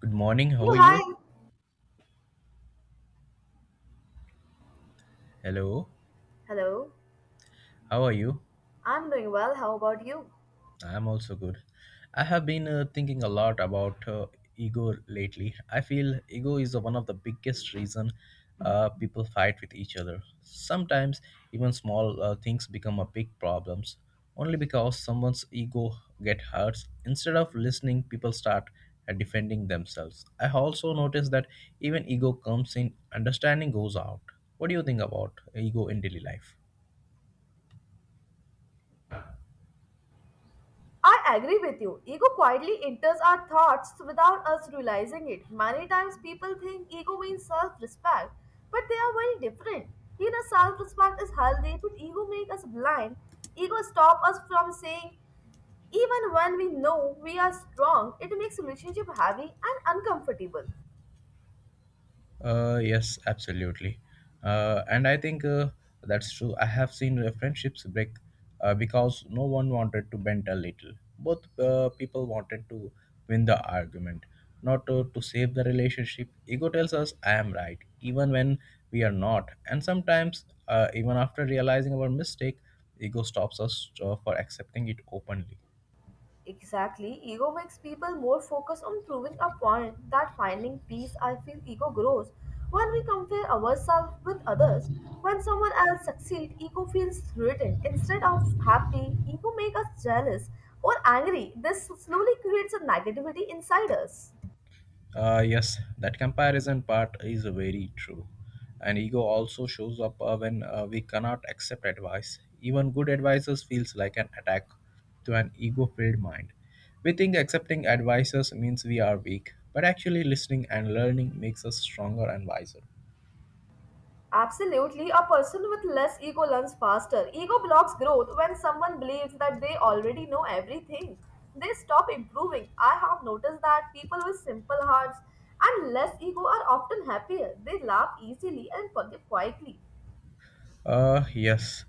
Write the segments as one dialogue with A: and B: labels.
A: Good morning. How
B: Hey,
A: are you?
B: hi.
A: Hello.
B: Hello,
A: How are you?
B: I'm doing well. How about you?
A: I'm also good. I have been thinking a lot about ego lately. I feel ego is one of the biggest reason people fight with each other. Sometimes even small things become a big problems only because someone's ego get hurt. Instead of listening, people start defending themselves. I also noticed that even ego comes in, understanding goes out. What do you think about ego in daily life?
B: I agree with you. Ego quietly enters our thoughts without us realizing it. Many times people think ego means self respect, but they are very different. You know, self respect is healthy, but ego makes us blind. Ego stops us from saying, even when we know we are strong, it makes relationship heavy and uncomfortable.
A: Yes, absolutely. And I think that's true. I have seen friendships break because no one wanted to bend a little. Both people wanted to win the argument, not to save the relationship. Ego tells us, I am right, even when we are not. And sometimes, even after realizing our mistake, ego stops us for accepting it openly.
B: Exactly. Ego makes people more focused on proving a point that finding peace, I feel ego grows. When we compare ourselves with others, when someone else succeeds, ego feels threatened. Instead of happy, ego makes us jealous or angry. This slowly creates a negativity inside us.
A: Yes, that comparison part is very true. And ego also shows up when we cannot accept advice. Even good advices feels like an attack to an ego-filled mind. We think accepting advices means we are weak, but actually listening and learning makes us stronger and wiser.
B: Absolutely, a person with less ego learns faster. Ego blocks growth when someone believes that they already know everything. They stop improving. I have noticed that people with simple hearts and less ego are often happier. They laugh easily and forgive quietly.
A: Yes,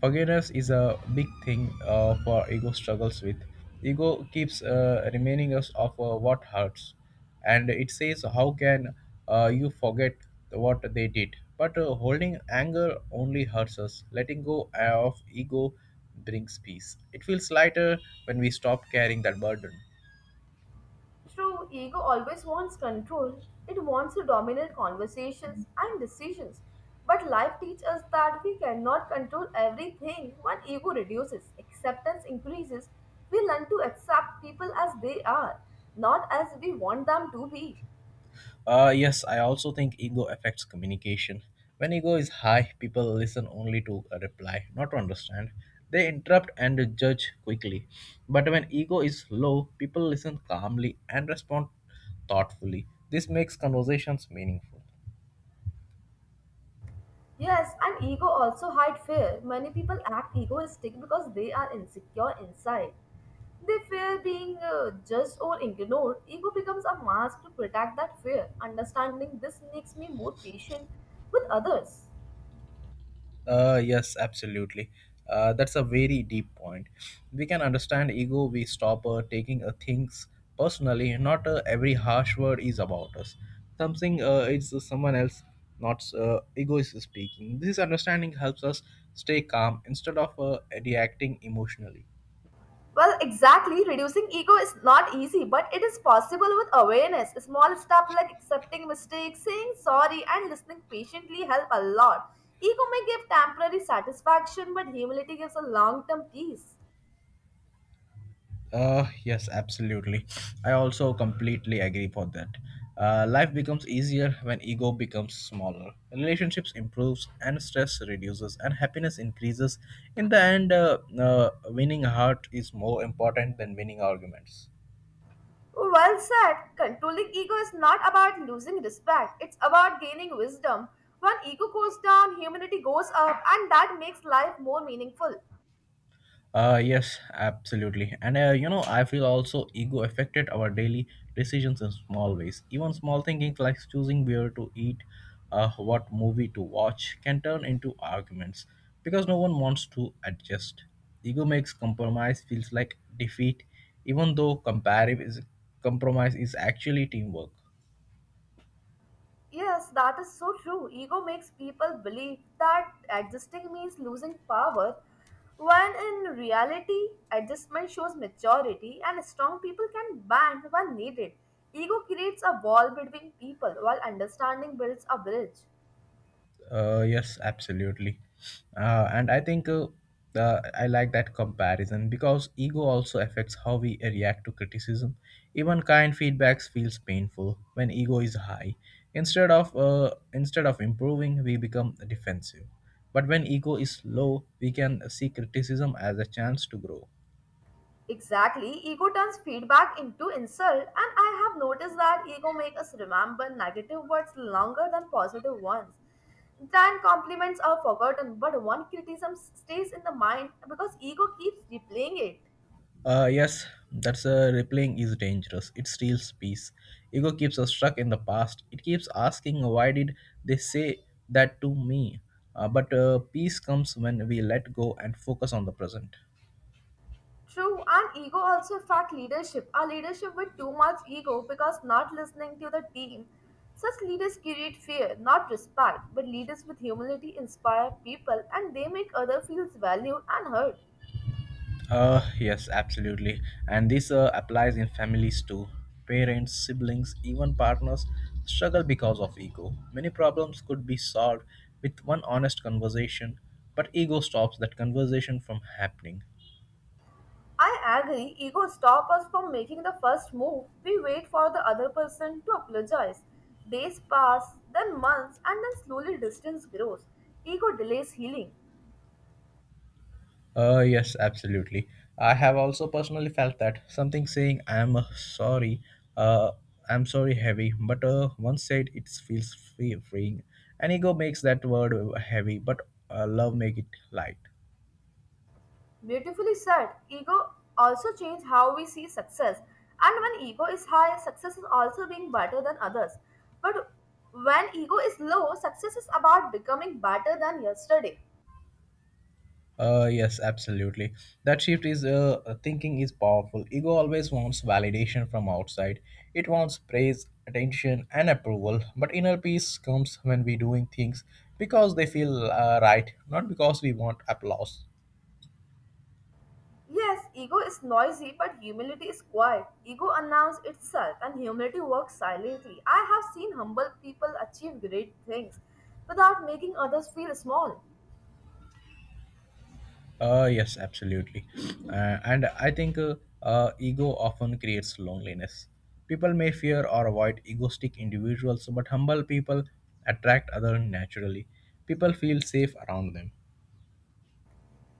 A: forgiveness is a big thing for ego struggles with. Ego keeps remaining us of what hurts, and it says, "How can you forget what they did?" But holding anger only hurts us. Letting go of ego brings peace. It feels lighter when we stop carrying that burden.
B: True, ego always wants control. It wants to dominate conversations and decisions. But life teaches us that we cannot control everything. When ego reduces, acceptance increases. We learn to accept people as they are, not as we want them to be.
A: Yes, I also think ego affects communication. When ego is high, people listen only to a reply, not to understand. They interrupt and judge quickly. But when ego is low, people listen calmly and respond thoughtfully. This makes conversations meaningful.
B: Yes, and ego also hide fear. Many people act egoistic because they are insecure inside. They fear being judged or ignored. Ego becomes a mask to protect that fear. Understanding this makes me more patient with others.
A: Yes, absolutely. That's a very deep point. We can understand ego. We stop taking things personally. Not every harsh word is about us. Something is someone else. Not ego is speaking. This understanding helps us stay calm instead of reacting emotionally.
B: Well, exactly. Reducing ego is not easy, but it is possible with awareness. A Small steps like accepting mistakes, saying sorry, and listening patiently help a lot. Ego may give temporary satisfaction, but humility gives a long term peace.
A: Yes, absolutely. I also completely agree for that. Life becomes easier when ego becomes smaller. Relationships improves and stress reduces and happiness increases. In the end, winning heart is more important than winning arguments.
B: Well said. Controlling ego is not about losing respect, it's about gaining wisdom. When ego goes down, humanity goes up, and that makes life more meaningful.
A: Yes, absolutely. And I feel also ego affected our daily decisions in small ways. Even small things like choosing where to eat, what movie to watch, can turn into arguments because no one wants to adjust. Ego makes compromise feels like defeat, even though compromise is actually teamwork.
B: Yes, that is so true. Ego makes people believe that adjusting means losing power, when in reality, adjustment shows maturity, and strong people can band when needed. Ego creates a wall between people, while understanding builds a bridge.
A: Yes, absolutely. And I think I like that comparison because ego also affects how we react to criticism. Even kind feedbacks feels painful when ego is high. Instead of improving, we become defensive. But when ego is low, we can see criticism as a chance to grow.
B: Exactly, ego turns feedback into insult, and I have noticed that ego makes us remember negative words longer than positive ones. Then compliments are forgotten, but one criticism stays in the mind because ego keeps replaying it.
A: Yes, that's replaying is dangerous. It steals peace. Ego keeps us stuck in the past. It keeps asking, why did they say that to me? But peace comes when we let go and focus on the present.
B: True, and ego also affect leadership. Our leadership with too much ego because not listening to the team. Such leaders create fear, not respect, but leaders with humility inspire people and they make others feel valued and heard.
A: Yes, absolutely. And this applies in families too. Parents, siblings, even partners struggle because of ego. Many problems could be solved with one honest conversation, but ego stops that conversation from happening.
B: I agree, ego stop us from making the first move. We wait for the other person to apologize. Days pass, then months, and then slowly distance grows. Ego delays healing.
A: Yes, absolutely. I have also personally felt that something saying "I'm sorry," uh, "I'm sorry" heavy, but once said, it feels freeing. And ego makes that word heavy, but love make it light.
B: Beautifully said, ego also changes how we see success. And when ego is high, success is also being better than others. But when ego is low, success is about becoming better than yesterday.
A: Yes, absolutely. That shift is Thinking is powerful. Ego always wants validation from outside. It wants praise, attention, and approval. But inner peace comes when we doing things because they feel right, not because we want applause.
B: Yes, ego is noisy, but humility is quiet. Ego announces itself, and humility works silently. I have seen humble people achieve great things without making others feel small.
A: Yes, absolutely. And I think Ego often creates loneliness. People may fear or avoid egoistic individuals, but humble people attract others naturally. People feel safe around them.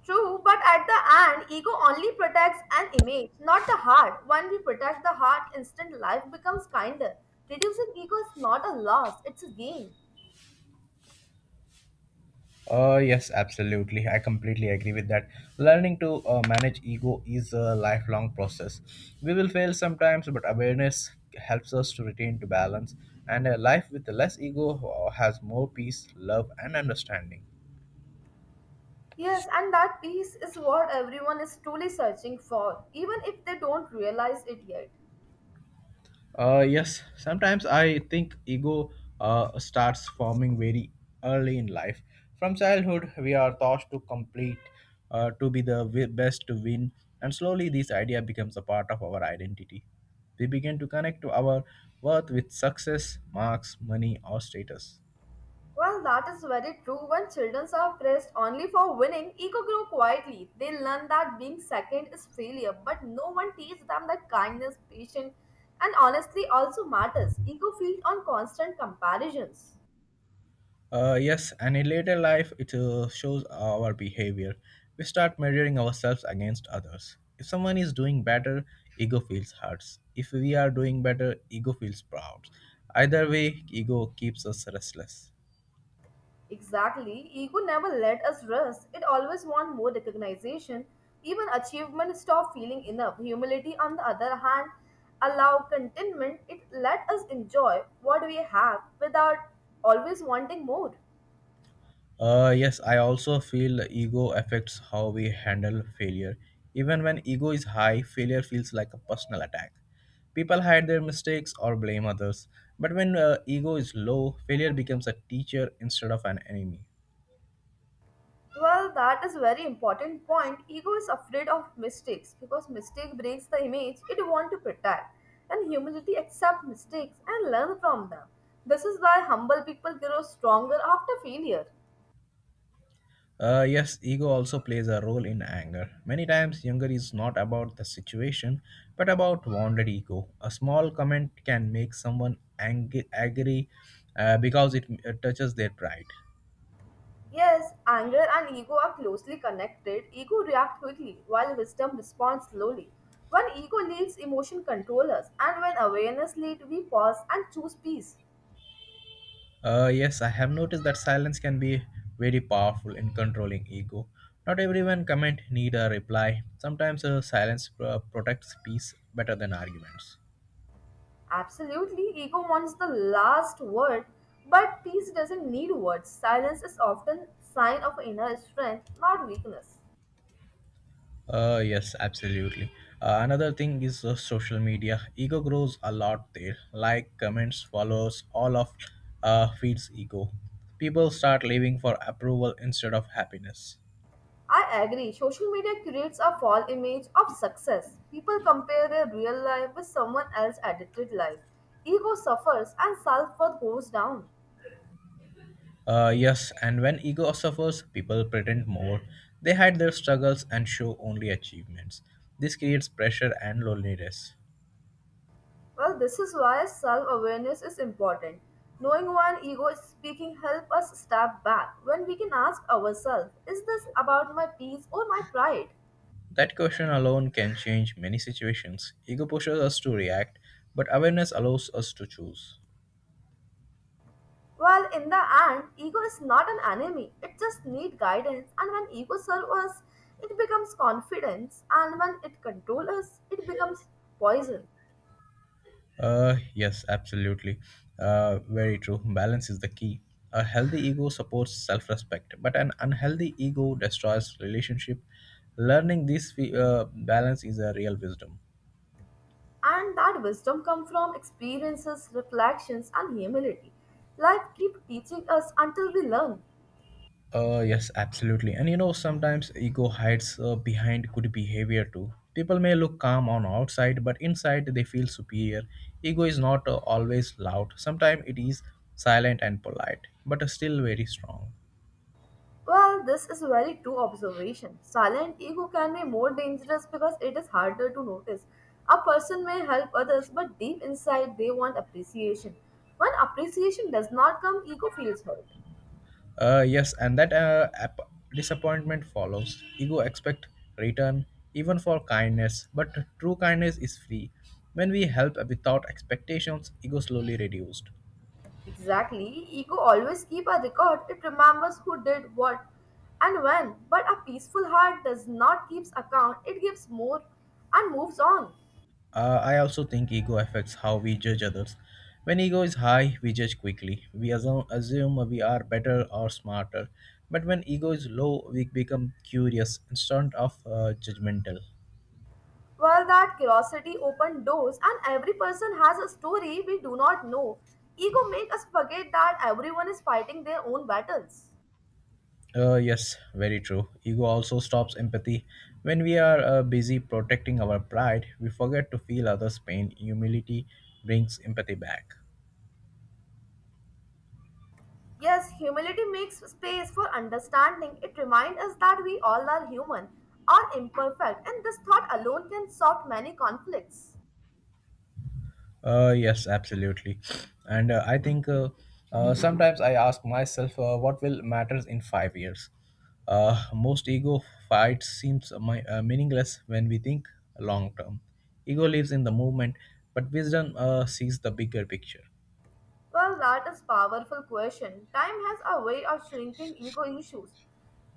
B: True, but at the end, ego only protects an image, not the heart. When we protect the heart, instant life becomes kinder. Reducing ego is not a loss, it's a gain.
A: Yes, absolutely. I completely agree with that. Learning to manage ego is a lifelong process. We will fail sometimes, but awareness helps us to retain to balance. And a life with less ego has more peace, love, and understanding.
B: Yes, and that peace is what everyone is truly searching for, even if they don't realize it yet.
A: Yes, sometimes I think ego starts forming very early in life. From childhood, we are taught to complete, to be the best, to win, and slowly this idea becomes a part of our identity. We begin to connect to our worth with success, marks, money, or status.
B: Well, that is very true. When children are praised only for winning, ego grow quietly. They learn that being second is failure, but no one teaches them that kindness, patience, and honesty also matters. Ego feeds on constant comparisons.
A: Yes, and in later life, it shows our behavior. We start measuring ourselves against others. If someone is doing better, ego feels hurts. If we are doing better, ego feels proud. Either way, ego keeps us restless.
B: Exactly. Ego never let us rest. It always wants more recognition. Even achievement stop feeling enough. Humility, on the other hand, allow contentment. It let us enjoy what we have without always wanting more.
A: Yes, I also feel ego affects how we handle failure. Even when ego is high, failure feels like a personal attack. People hide their mistakes or blame others. But when ego is low, failure becomes a teacher instead of an enemy.
B: Well, that is very important point. Ego is afraid of mistakes because mistake breaks the image it want to protect, and humility accept mistakes and learn from them. This is why humble people grow stronger after failure.
A: Yes, ego also plays a role in anger. Many times, anger is not about the situation, but about wounded ego. A small comment can make someone angry because it touches their pride.
B: Yes, anger and ego are closely connected. Ego reacts quickly while wisdom responds slowly. When ego leads, emotion controls, us, and when awareness leads, we pause and choose peace.
A: Yes, I have noticed that silence can be very powerful in controlling ego. Not everyone comment need a reply. Sometimes silence protects peace better than arguments.
B: Absolutely, ego wants the last word, but peace doesn't need words. Silence is often sign of inner strength, not weakness.
A: Yes, absolutely. Another thing is social media. Ego grows a lot there. Like, comments, follows, all of feeds ego. People start living for approval instead of happiness.
B: I agree. Social media creates a false image of success. People compare their real life with someone else's edited life. Ego suffers and self-worth goes down.
A: Yes, and when ego suffers, people pretend more. They hide their struggles and show only achievements. This creates pressure and loneliness.
B: Well, this is why self-awareness is important. Knowing when ego is speaking help us step back when we can ask ourselves, is this about my peace or my pride?
A: That question alone can change many situations. Ego pushes us to react, but awareness allows us to choose.
B: Well, in the end, ego is not an enemy. It just needs guidance. And when ego serves us, it becomes confidence. And when it controls us, it becomes poison.
A: Yes, absolutely. Very true. Balance is the key. A healthy ego supports self respect, but an unhealthy ego destroys relationship. Learning this balance is a real wisdom.
B: And that wisdom comes from experiences, reflections, and humility. Life keeps teaching us until we learn.
A: Yes, absolutely. And sometimes ego hides behind good behavior too. People may look calm on outside, but inside they feel superior. Ego is not always loud. Sometimes it is silent and polite, but still very strong.
B: Well, this is very true observation. Silent ego can be more dangerous because it is harder to notice. A person may help others, but deep inside they want appreciation. When appreciation does not come, ego feels hurt.
A: Yes, and that disappointment follows. Ego expect return even for kindness, but true kindness is free. When we help without expectations, ego slowly reduced.
B: Exactly, ego always keep a record. It remembers who did what and when. But a peaceful heart does not keeps account. It gives more and moves on.
A: I also think ego affects how we judge others. When ego is high, we judge quickly. We assume we are better or smarter. But when ego is low, we become curious instead of judgmental.
B: Well, that curiosity opened doors, and every person has a story we do not know. Ego makes us forget that everyone is fighting their own battles.
A: Yes, very true. Ego also stops empathy. When we are busy protecting our pride, we forget to feel others' pain. Humility brings empathy back.
B: Yes, humility makes space for understanding. It reminds us that we all are human, are imperfect, and this thought alone can solve many conflicts.
A: Yes, absolutely. And I think Sometimes I ask myself, what will matters in 5 years? Most ego fights seems meaningless when we think long term. Ego lives in the moment, but wisdom sees the bigger picture.
B: Well, that is powerful question. Time has a way of shrinking ego issues.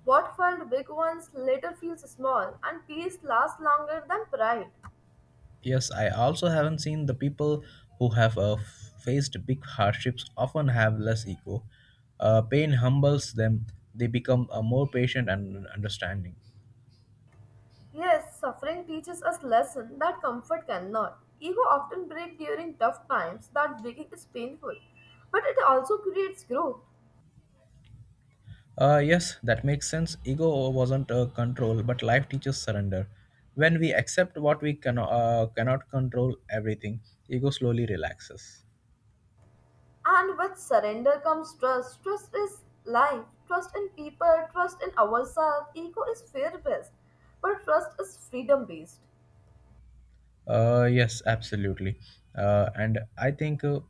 B: What felt big once later feels small, and peace lasts longer than pride.
A: Yes, I also haven't seen the people who have faced big hardships often have less ego. Pain humbles them, they become more patient and understanding.
B: Yes, suffering teaches us lesson that comfort cannot. Ego often breaks during tough times that breaking is painful, but it also creates growth.
A: Yes, that makes sense. Ego wasn't control, but life teaches surrender. When we accept what we cannot control everything, ego slowly relaxes.
B: And with surrender comes trust. Trust is life, trust in people, trust in ourselves. Ego is fear based, but trust is freedom based.
A: Yes, absolutely. And I think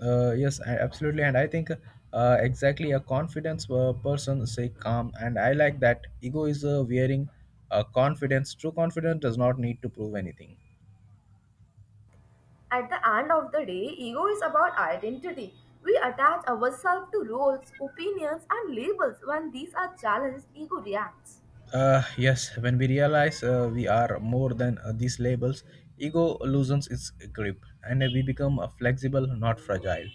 A: Yes, absolutely, and I think exactly a confidence person say calm, and I like that. Ego is wearing confidence. True confidence does not need to prove anything.
B: At the end of the day, ego is about identity. We attach ourselves to roles, opinions, and labels. When these are challenged, ego reacts.
A: Yes, when we realize we are more than these labels, ego loosens its grip, and we become flexible, not fragile.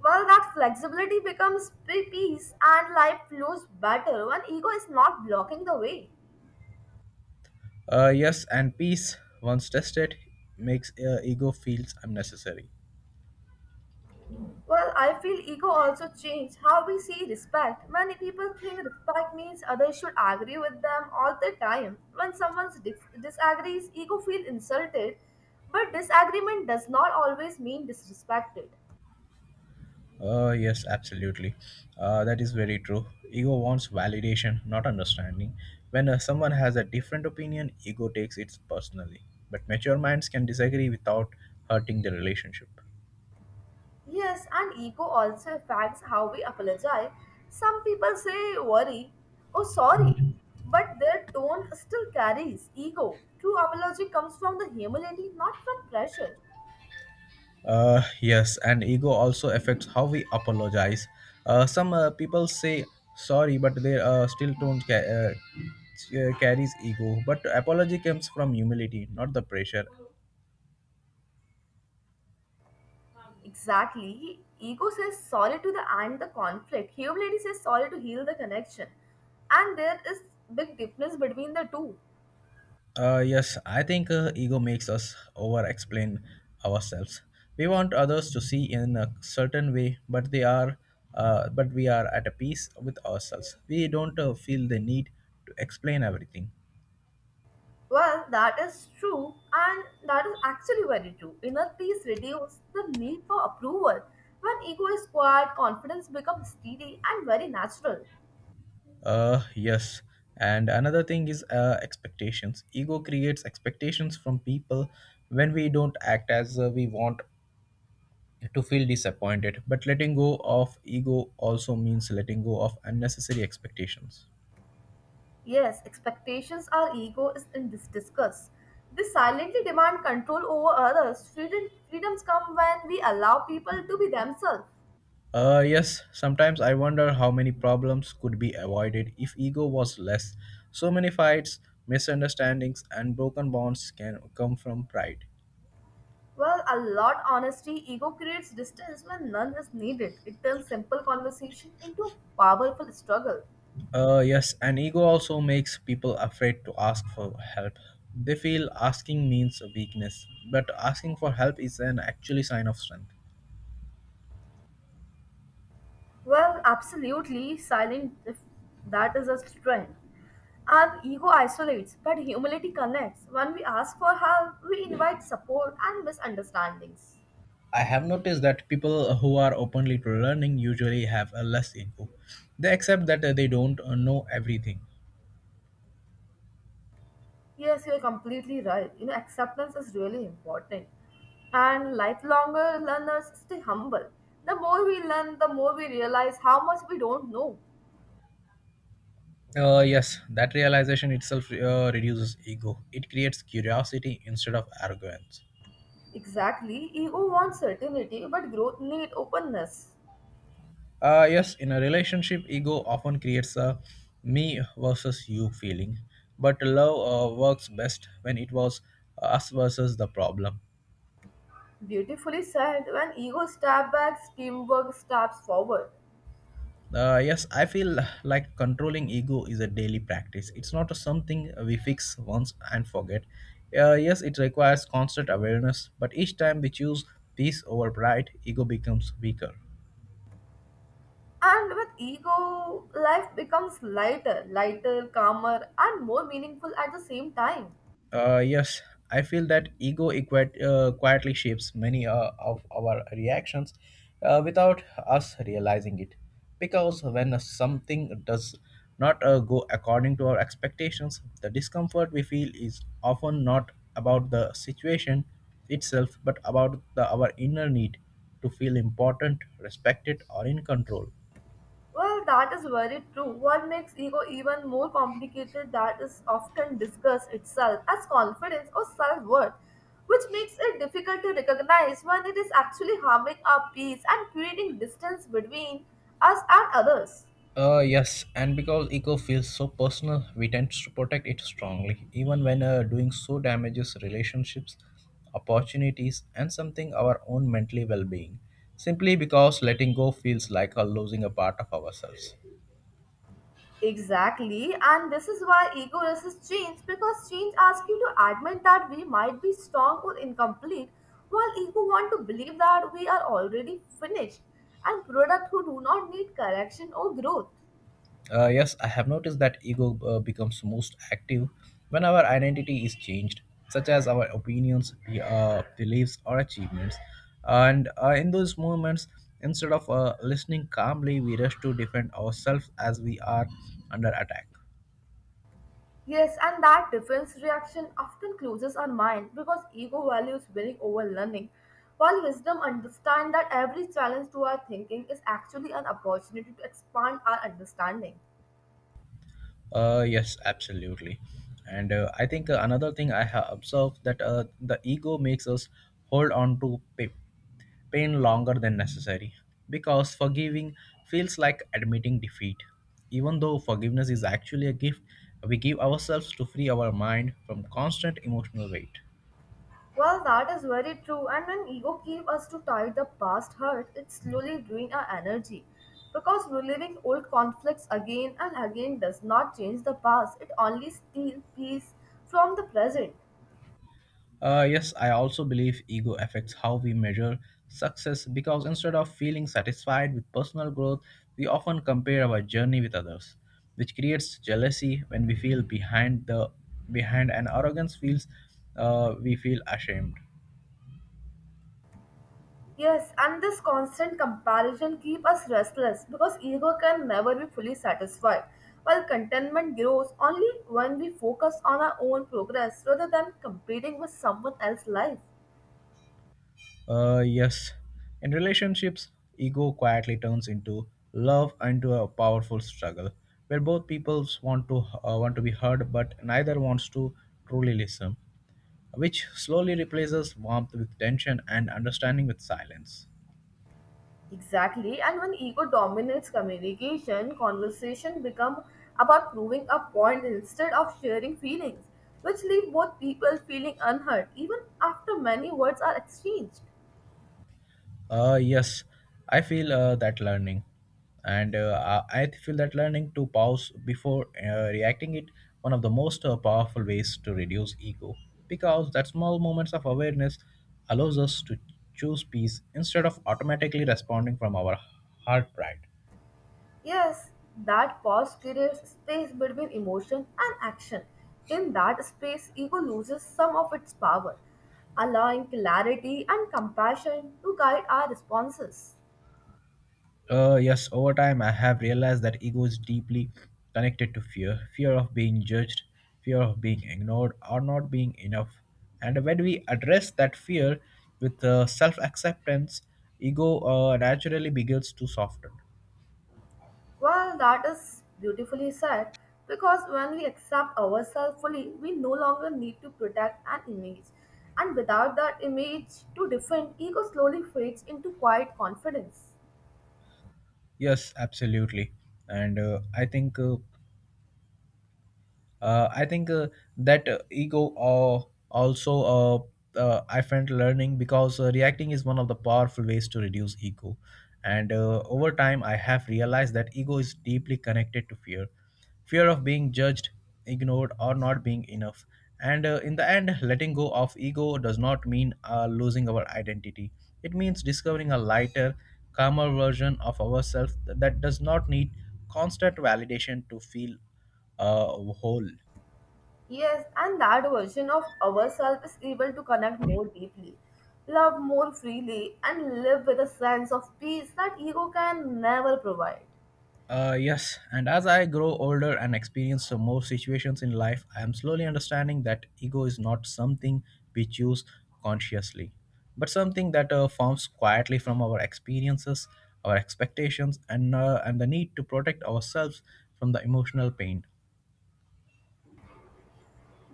B: Well, that flexibility becomes peace and life flows better when ego is not blocking the way.
A: Yes, and peace, once tested, makes ego feels unnecessary.
B: Well, I feel ego also changed how we see respect. Many people think respect means others should agree with them all the time. When someone disagrees, ego feels insulted, but disagreement does not always mean disrespected.
A: Yes, absolutely. That is very true. Ego wants validation, not understanding. When someone has a different opinion, ego takes it personally. But mature minds can disagree without hurting the relationship.
B: Yes, and ego also affects how we apologize. Some people say worry or sorry, but their tone still carries ego. True apology comes from the humility, not from pressure.
A: Yes, and ego also affects how we apologize. Some people say sorry, but they still don't carries ego. But apology comes from humility, not the pressure.
B: Exactly. Ego says sorry to the end the conflict. Humility says sorry to heal the connection. And there is big difference between the two.
A: Yes, I think ego makes us over explain ourselves. We want others to see in a certain way, but we are at a peace with ourselves. We don't feel the need to explain everything.
B: Well, that is true, and that is actually very true. Inner peace reduces the need for approval. When ego is quiet, confidence becomes steady and very natural.
A: Yes, and another thing is expectations. Ego creates expectations from people when we don't act as we want to feel disappointed. But letting go of ego also means letting go of unnecessary expectations.
B: Yes, expectations our ego is in this discuss. They silently demand control over others. Freedom, freedoms come when we allow people to be themselves.
A: Yes, sometimes I wonder how many problems could be avoided if ego was less. So many fights, misunderstandings, and broken bonds can come from pride.
B: Well, a lot honesty, ego creates distance when none is needed. It turns simple conversation into a powerful struggle.
A: Yes, and ego also makes people afraid to ask for help. They feel asking means a weakness, but asking for help is an actually sign of strength.
B: Well, absolutely silent if that is a strength. And ego isolates, but humility connects. When we ask for help, we invite support and misunderstandings.
A: I have noticed that people who are openly to learning usually have a less ego. They accept that they don't know everything.
B: Yes, you're completely right. You know, acceptance is really important. And lifelonger learners stay humble. The more we learn, the more we realize how much we don't know.
A: Yes, that realization itself reduces ego. It creates curiosity instead of arrogance.
B: Exactly. Ego wants certainty, but growth needs openness.
A: Yes, in a relationship, ego often creates a me versus you feeling. But love works best when it was us versus the problem.
B: Beautifully said, when ego steps back, teamwork steps forward.
A: Yes, I feel like controlling ego is a daily practice. It's not something we fix once and forget. Yes, it requires constant awareness, but each time we choose peace over pride, ego becomes weaker.
B: And with ego, life becomes lighter, lighter, calmer, and more meaningful at the same time.
A: Uh, yes, I feel that ego quietly shapes many of our reactions without us realizing it. Because when something does not go according to our expectations, the discomfort we feel is often not about the situation itself but about the, our inner need to feel important, respected, or in control.
B: Well, that is very true. What makes ego even more complicated that is often disguised itself as confidence or self-worth, which makes it difficult to recognize when it is actually harming our peace and creating distance between us and others.
A: Yes, and because ego feels so personal, we tend to protect it strongly, even when doing so damages relationships, opportunities, and something our own mentally well being, simply because letting go feels like losing a part of ourselves.
B: Exactly, and this is why ego resists change because change asks you to admit that we might be strong or incomplete, while ego want to believe that we are already finished and product who do not need correction or growth.
A: Yes, I have noticed that ego becomes most active when our identity is changed, such as our opinions, beliefs, or achievements. And in those moments, instead of listening calmly, we rush to defend ourselves as we are under attack.
B: Yes, and that defense reaction often closes our mind because ego values winning over learning, while wisdom understands that every challenge to our thinking is actually an opportunity to expand our understanding.
A: Yes, Absolutely. And I think another thing I have observed that the ego makes us hold on to pain longer than necessary because forgiving feels like admitting defeat. Even though forgiveness is actually a gift, we give ourselves to free our mind from constant emotional weight.
B: Well, that is very true. And when ego keeps us to tie the past hurt, it slowly drains our energy. Because reliving old conflicts again and again does not change the past, it only steals peace from the present.
A: Yes, I also believe ego affects how we measure success because instead of feeling satisfied with personal growth, we often compare our journey with others, which creates jealousy when we feel behind the behind and arrogance feels we feel ashamed.
B: Yes, and this constant comparison keeps us restless because ego can never be fully satisfied. While contentment grows only when we focus on our own progress rather than competing with someone else's life.
A: Uh, yes, in relationships, ego quietly turns into love into a powerful struggle where both peoples want to be heard but neither wants to truly listen, which slowly replaces warmth with tension and understanding with silence.
B: Exactly. And when ego dominates communication, conversation become about proving a point instead of sharing feelings, which leave both people feeling unheard even after many words are exchanged.
A: Uh, yes, I feel that learning, and I feel that learning to pause before reacting it one of the most powerful ways to reduce ego because that small moments of awareness allows us to choose peace instead of automatically responding from our heart pride.
B: Yes, that pause creates space between emotion and action. In that space, ego loses some of its power, allowing clarity and compassion to guide our responses.
A: Yes, Over time, I have realized that ego is deeply connected to fear, fear of being judged, fear of being ignored, or not being enough. And when we address that fear with self acceptance, ego naturally begins to soften.
B: Well, that is beautifully said because when we accept ourselves fully, we no longer need to protect an image. And without that image to defend, ego slowly fades into quiet confidence.
A: Yes, absolutely. And I think. I think that ego also I find learning because reacting is one of the powerful ways to reduce ego, and over time I have realized that ego is deeply connected to fear, fear of being judged, ignored, or not being enough. And in the end, letting go of ego does not mean losing our identity. It means discovering a lighter, calmer version of ourselves that does not need constant validation to feel whole.
B: Yes, and that version of ourselves is able to connect more deeply, love more freely, and live with a sense of peace that ego can never provide.
A: Yes, and as I grow older and experience some more situations in life, I am slowly understanding that ego is not something we choose consciously, but something that forms quietly from our experiences, our expectations, and the need to protect ourselves from the emotional pain.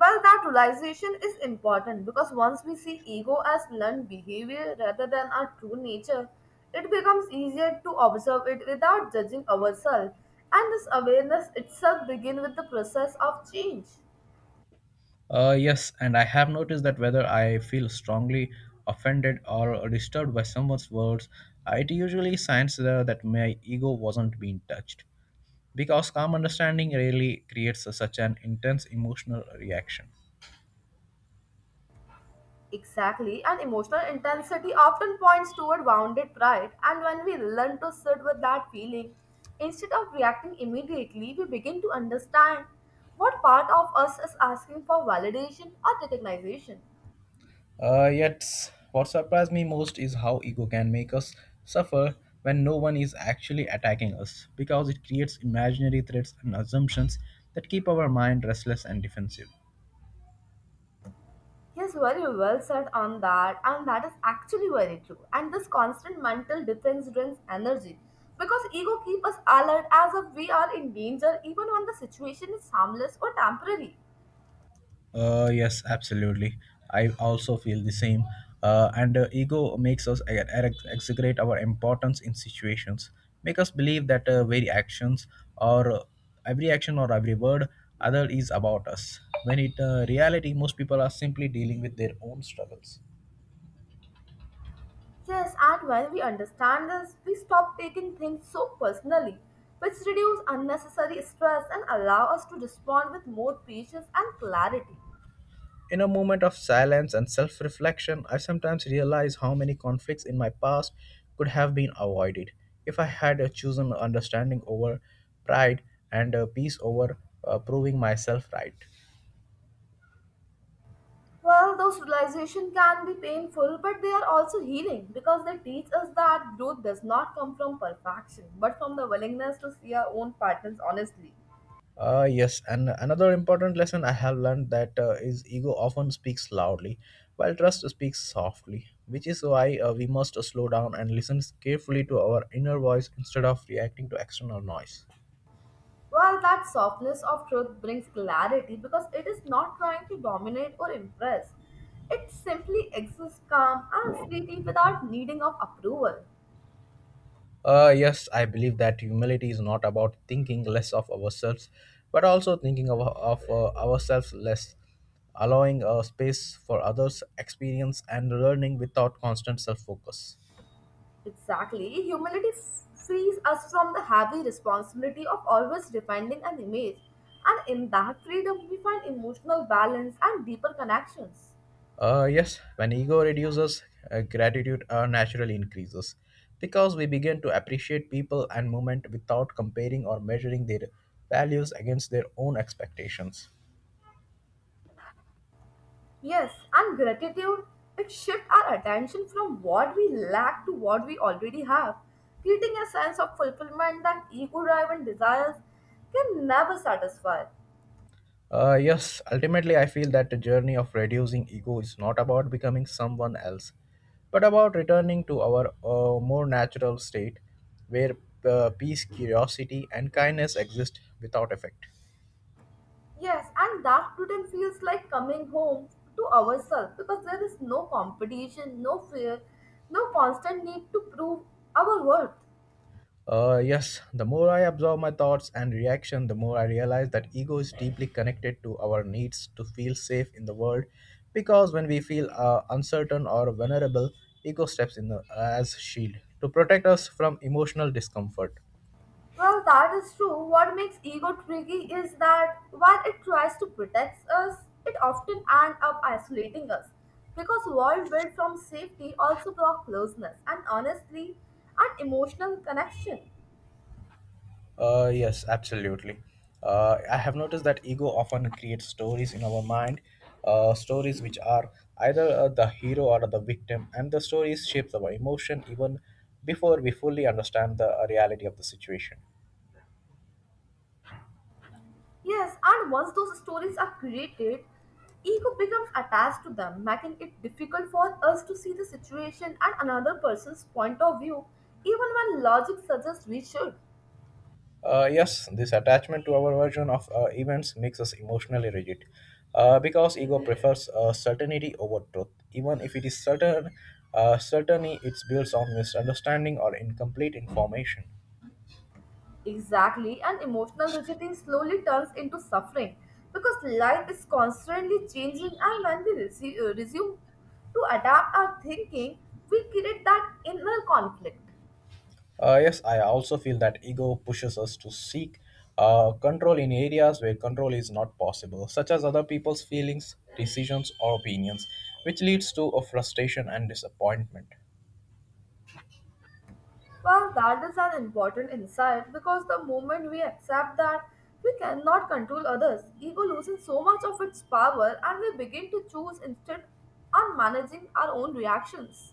B: Well, that realization is important because once we see ego as learned behavior rather than our true nature, it becomes easier to observe it without judging ourselves. And this awareness itself begins with the process of change.
A: Yes, and I have noticed that whether I feel strongly offended or disturbed by someone's words, it usually signs that my ego wasn't being touched, because calm understanding really creates such an intense emotional reaction.
B: Exactly, and emotional intensity often points toward wounded pride. And when we learn to sit with that feeling, instead of reacting immediately, we begin to understand what part of us is asking for validation or recognition.
A: Uh, yet, what surprised me most is how ego can make us suffer when no one is actually attacking us, because it creates imaginary threats and assumptions that keep our mind restless and defensive.
B: Yes, very well said on that, and that is actually very true. And this constant mental defense drains energy because ego keeps us alert as if we are in danger, even when the situation is harmless or temporary.
A: Yes, Absolutely. I also feel the same. And ego makes us exaggerate our importance in situations, make us believe that very actions or every action or every word other is about us. When it reality, most people are simply dealing with their own struggles.
B: Yes, and when we understand this, we stop taking things so personally, which reduce unnecessary stress and allow us to respond with more patience and clarity.
A: In a moment of silence and self reflection, I sometimes realize how many conflicts in my past could have been avoided if I had chosen understanding over pride and peace over proving myself right.
B: Well, those realizations can be painful, but they are also healing because they teach us that growth does not come from perfection, but from the willingness to see our own patterns honestly.
A: Yes, and another important lesson I have learned that is ego often speaks loudly, while trust speaks softly, which is why we must slow down and listen carefully to our inner voice instead of reacting to external noise.
B: Well, that softness of truth brings clarity because it is not trying to dominate or impress. It simply exists calm and steady without needing of approval.
A: Yes, I believe that humility is not about thinking less of ourselves, but also thinking of ourselves less, allowing a space for others' experience and learning without constant self focus.
B: Exactly. Frees us from the heavy responsibility of always defending an image. And in that freedom, we find emotional balance and deeper connections.
A: Yes, when ego reduces, gratitude naturally increases because we begin to appreciate people and moment without comparing or measuring their values against their own expectations.
B: Yes, and gratitude, it shifts our attention from what we lack to what we already have, creating a sense of fulfillment that ego driven desires can never satisfy.
A: Yes, Ultimately, I feel that the journey of reducing ego is not about becoming someone else, but about returning to our more natural state where peace, curiosity, and kindness exist without effect.
B: Yes, and Dark Totem feels like coming home to ourselves because there is no competition, no fear, no constant need to prove our worth.
A: Yes, the more I absorb my thoughts and reaction, the more I realize that ego is deeply connected to our needs to feel safe in the world. Because when we feel uncertain or vulnerable, ego steps in the, as shield to protect us from emotional discomfort.
B: Well, that is true. What makes ego tricky is that while it tries to protect us, it often ends up isolating us because world built from safety also block closeness and honestly and emotional connection.
A: Yes, Absolutely. I have noticed that ego often creates stories in our mind, stories which are either the hero or the victim, and the stories shapes our emotion even before we fully understand the reality of the situation.
B: Yes, and once those stories are created, ego becomes attached to them, making it difficult for us to see the situation and another person's point of view, even when logic suggests we should.
A: Yes, this attachment to our version of events makes us emotionally rigid, because ego prefers certainty over truth. Even if it is certain, certainty it builds on misunderstanding or incomplete information.
B: Exactly, and emotional rigidity slowly turns into suffering because life is constantly changing, and when we resume to adapt our thinking, we create that inner conflict.
A: Yes, I also feel that ego pushes us to seek control in areas where control is not possible, such as other people's feelings, decisions, or opinions, which leads to a frustration and disappointment.
B: Well, that is an important insight because the moment we accept that we cannot control others, ego loses so much of its power and we begin to choose instead on managing our own reactions.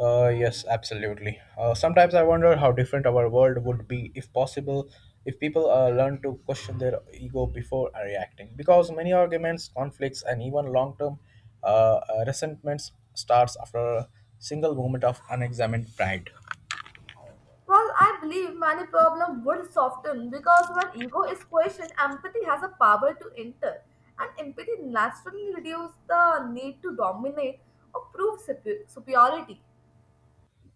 A: Yes, Absolutely. Sometimes I wonder how different our world would be if possible, if people learn to question their ego before reacting, because many arguments, conflicts, and even long-term uh, resentments starts after a single moment of unexamined pride.
B: Well, I believe many problems would soften because when ego is questioned, empathy has a power to enter, and empathy naturally reduces the need to dominate or prove superiority.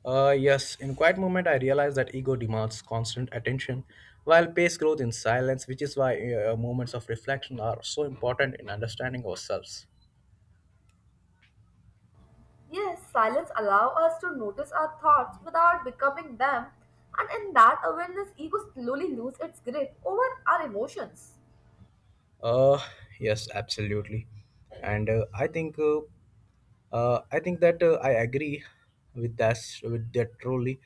A: Yes, in quiet movement, I realize that ego demands constant attention, while pace grows in silence, which is why moments of reflection are so important in understanding ourselves.
B: Yes, silence allows us to notice our thoughts without becoming them, and in that awareness, ego slowly loses its grip over our emotions.
A: Uh, yes, Absolutely, and I think that I agree with that truly,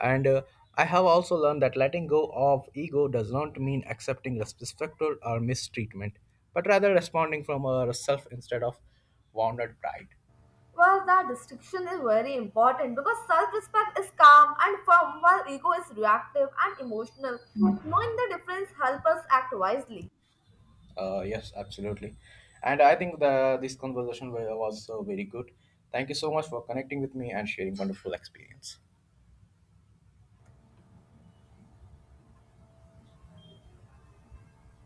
A: and I have also learned that letting go of ego does not mean accepting disrespect or mistreatment, but rather responding from a self instead of wounded pride.
B: Well, that distinction is very important because self-respect is calm and firm, while ego is reactive and emotional. Knowing the difference helps us act wisely.
A: Yes, Absolutely. And I think the this conversation was so very good. Thank you so much for connecting with me and sharing wonderful experience.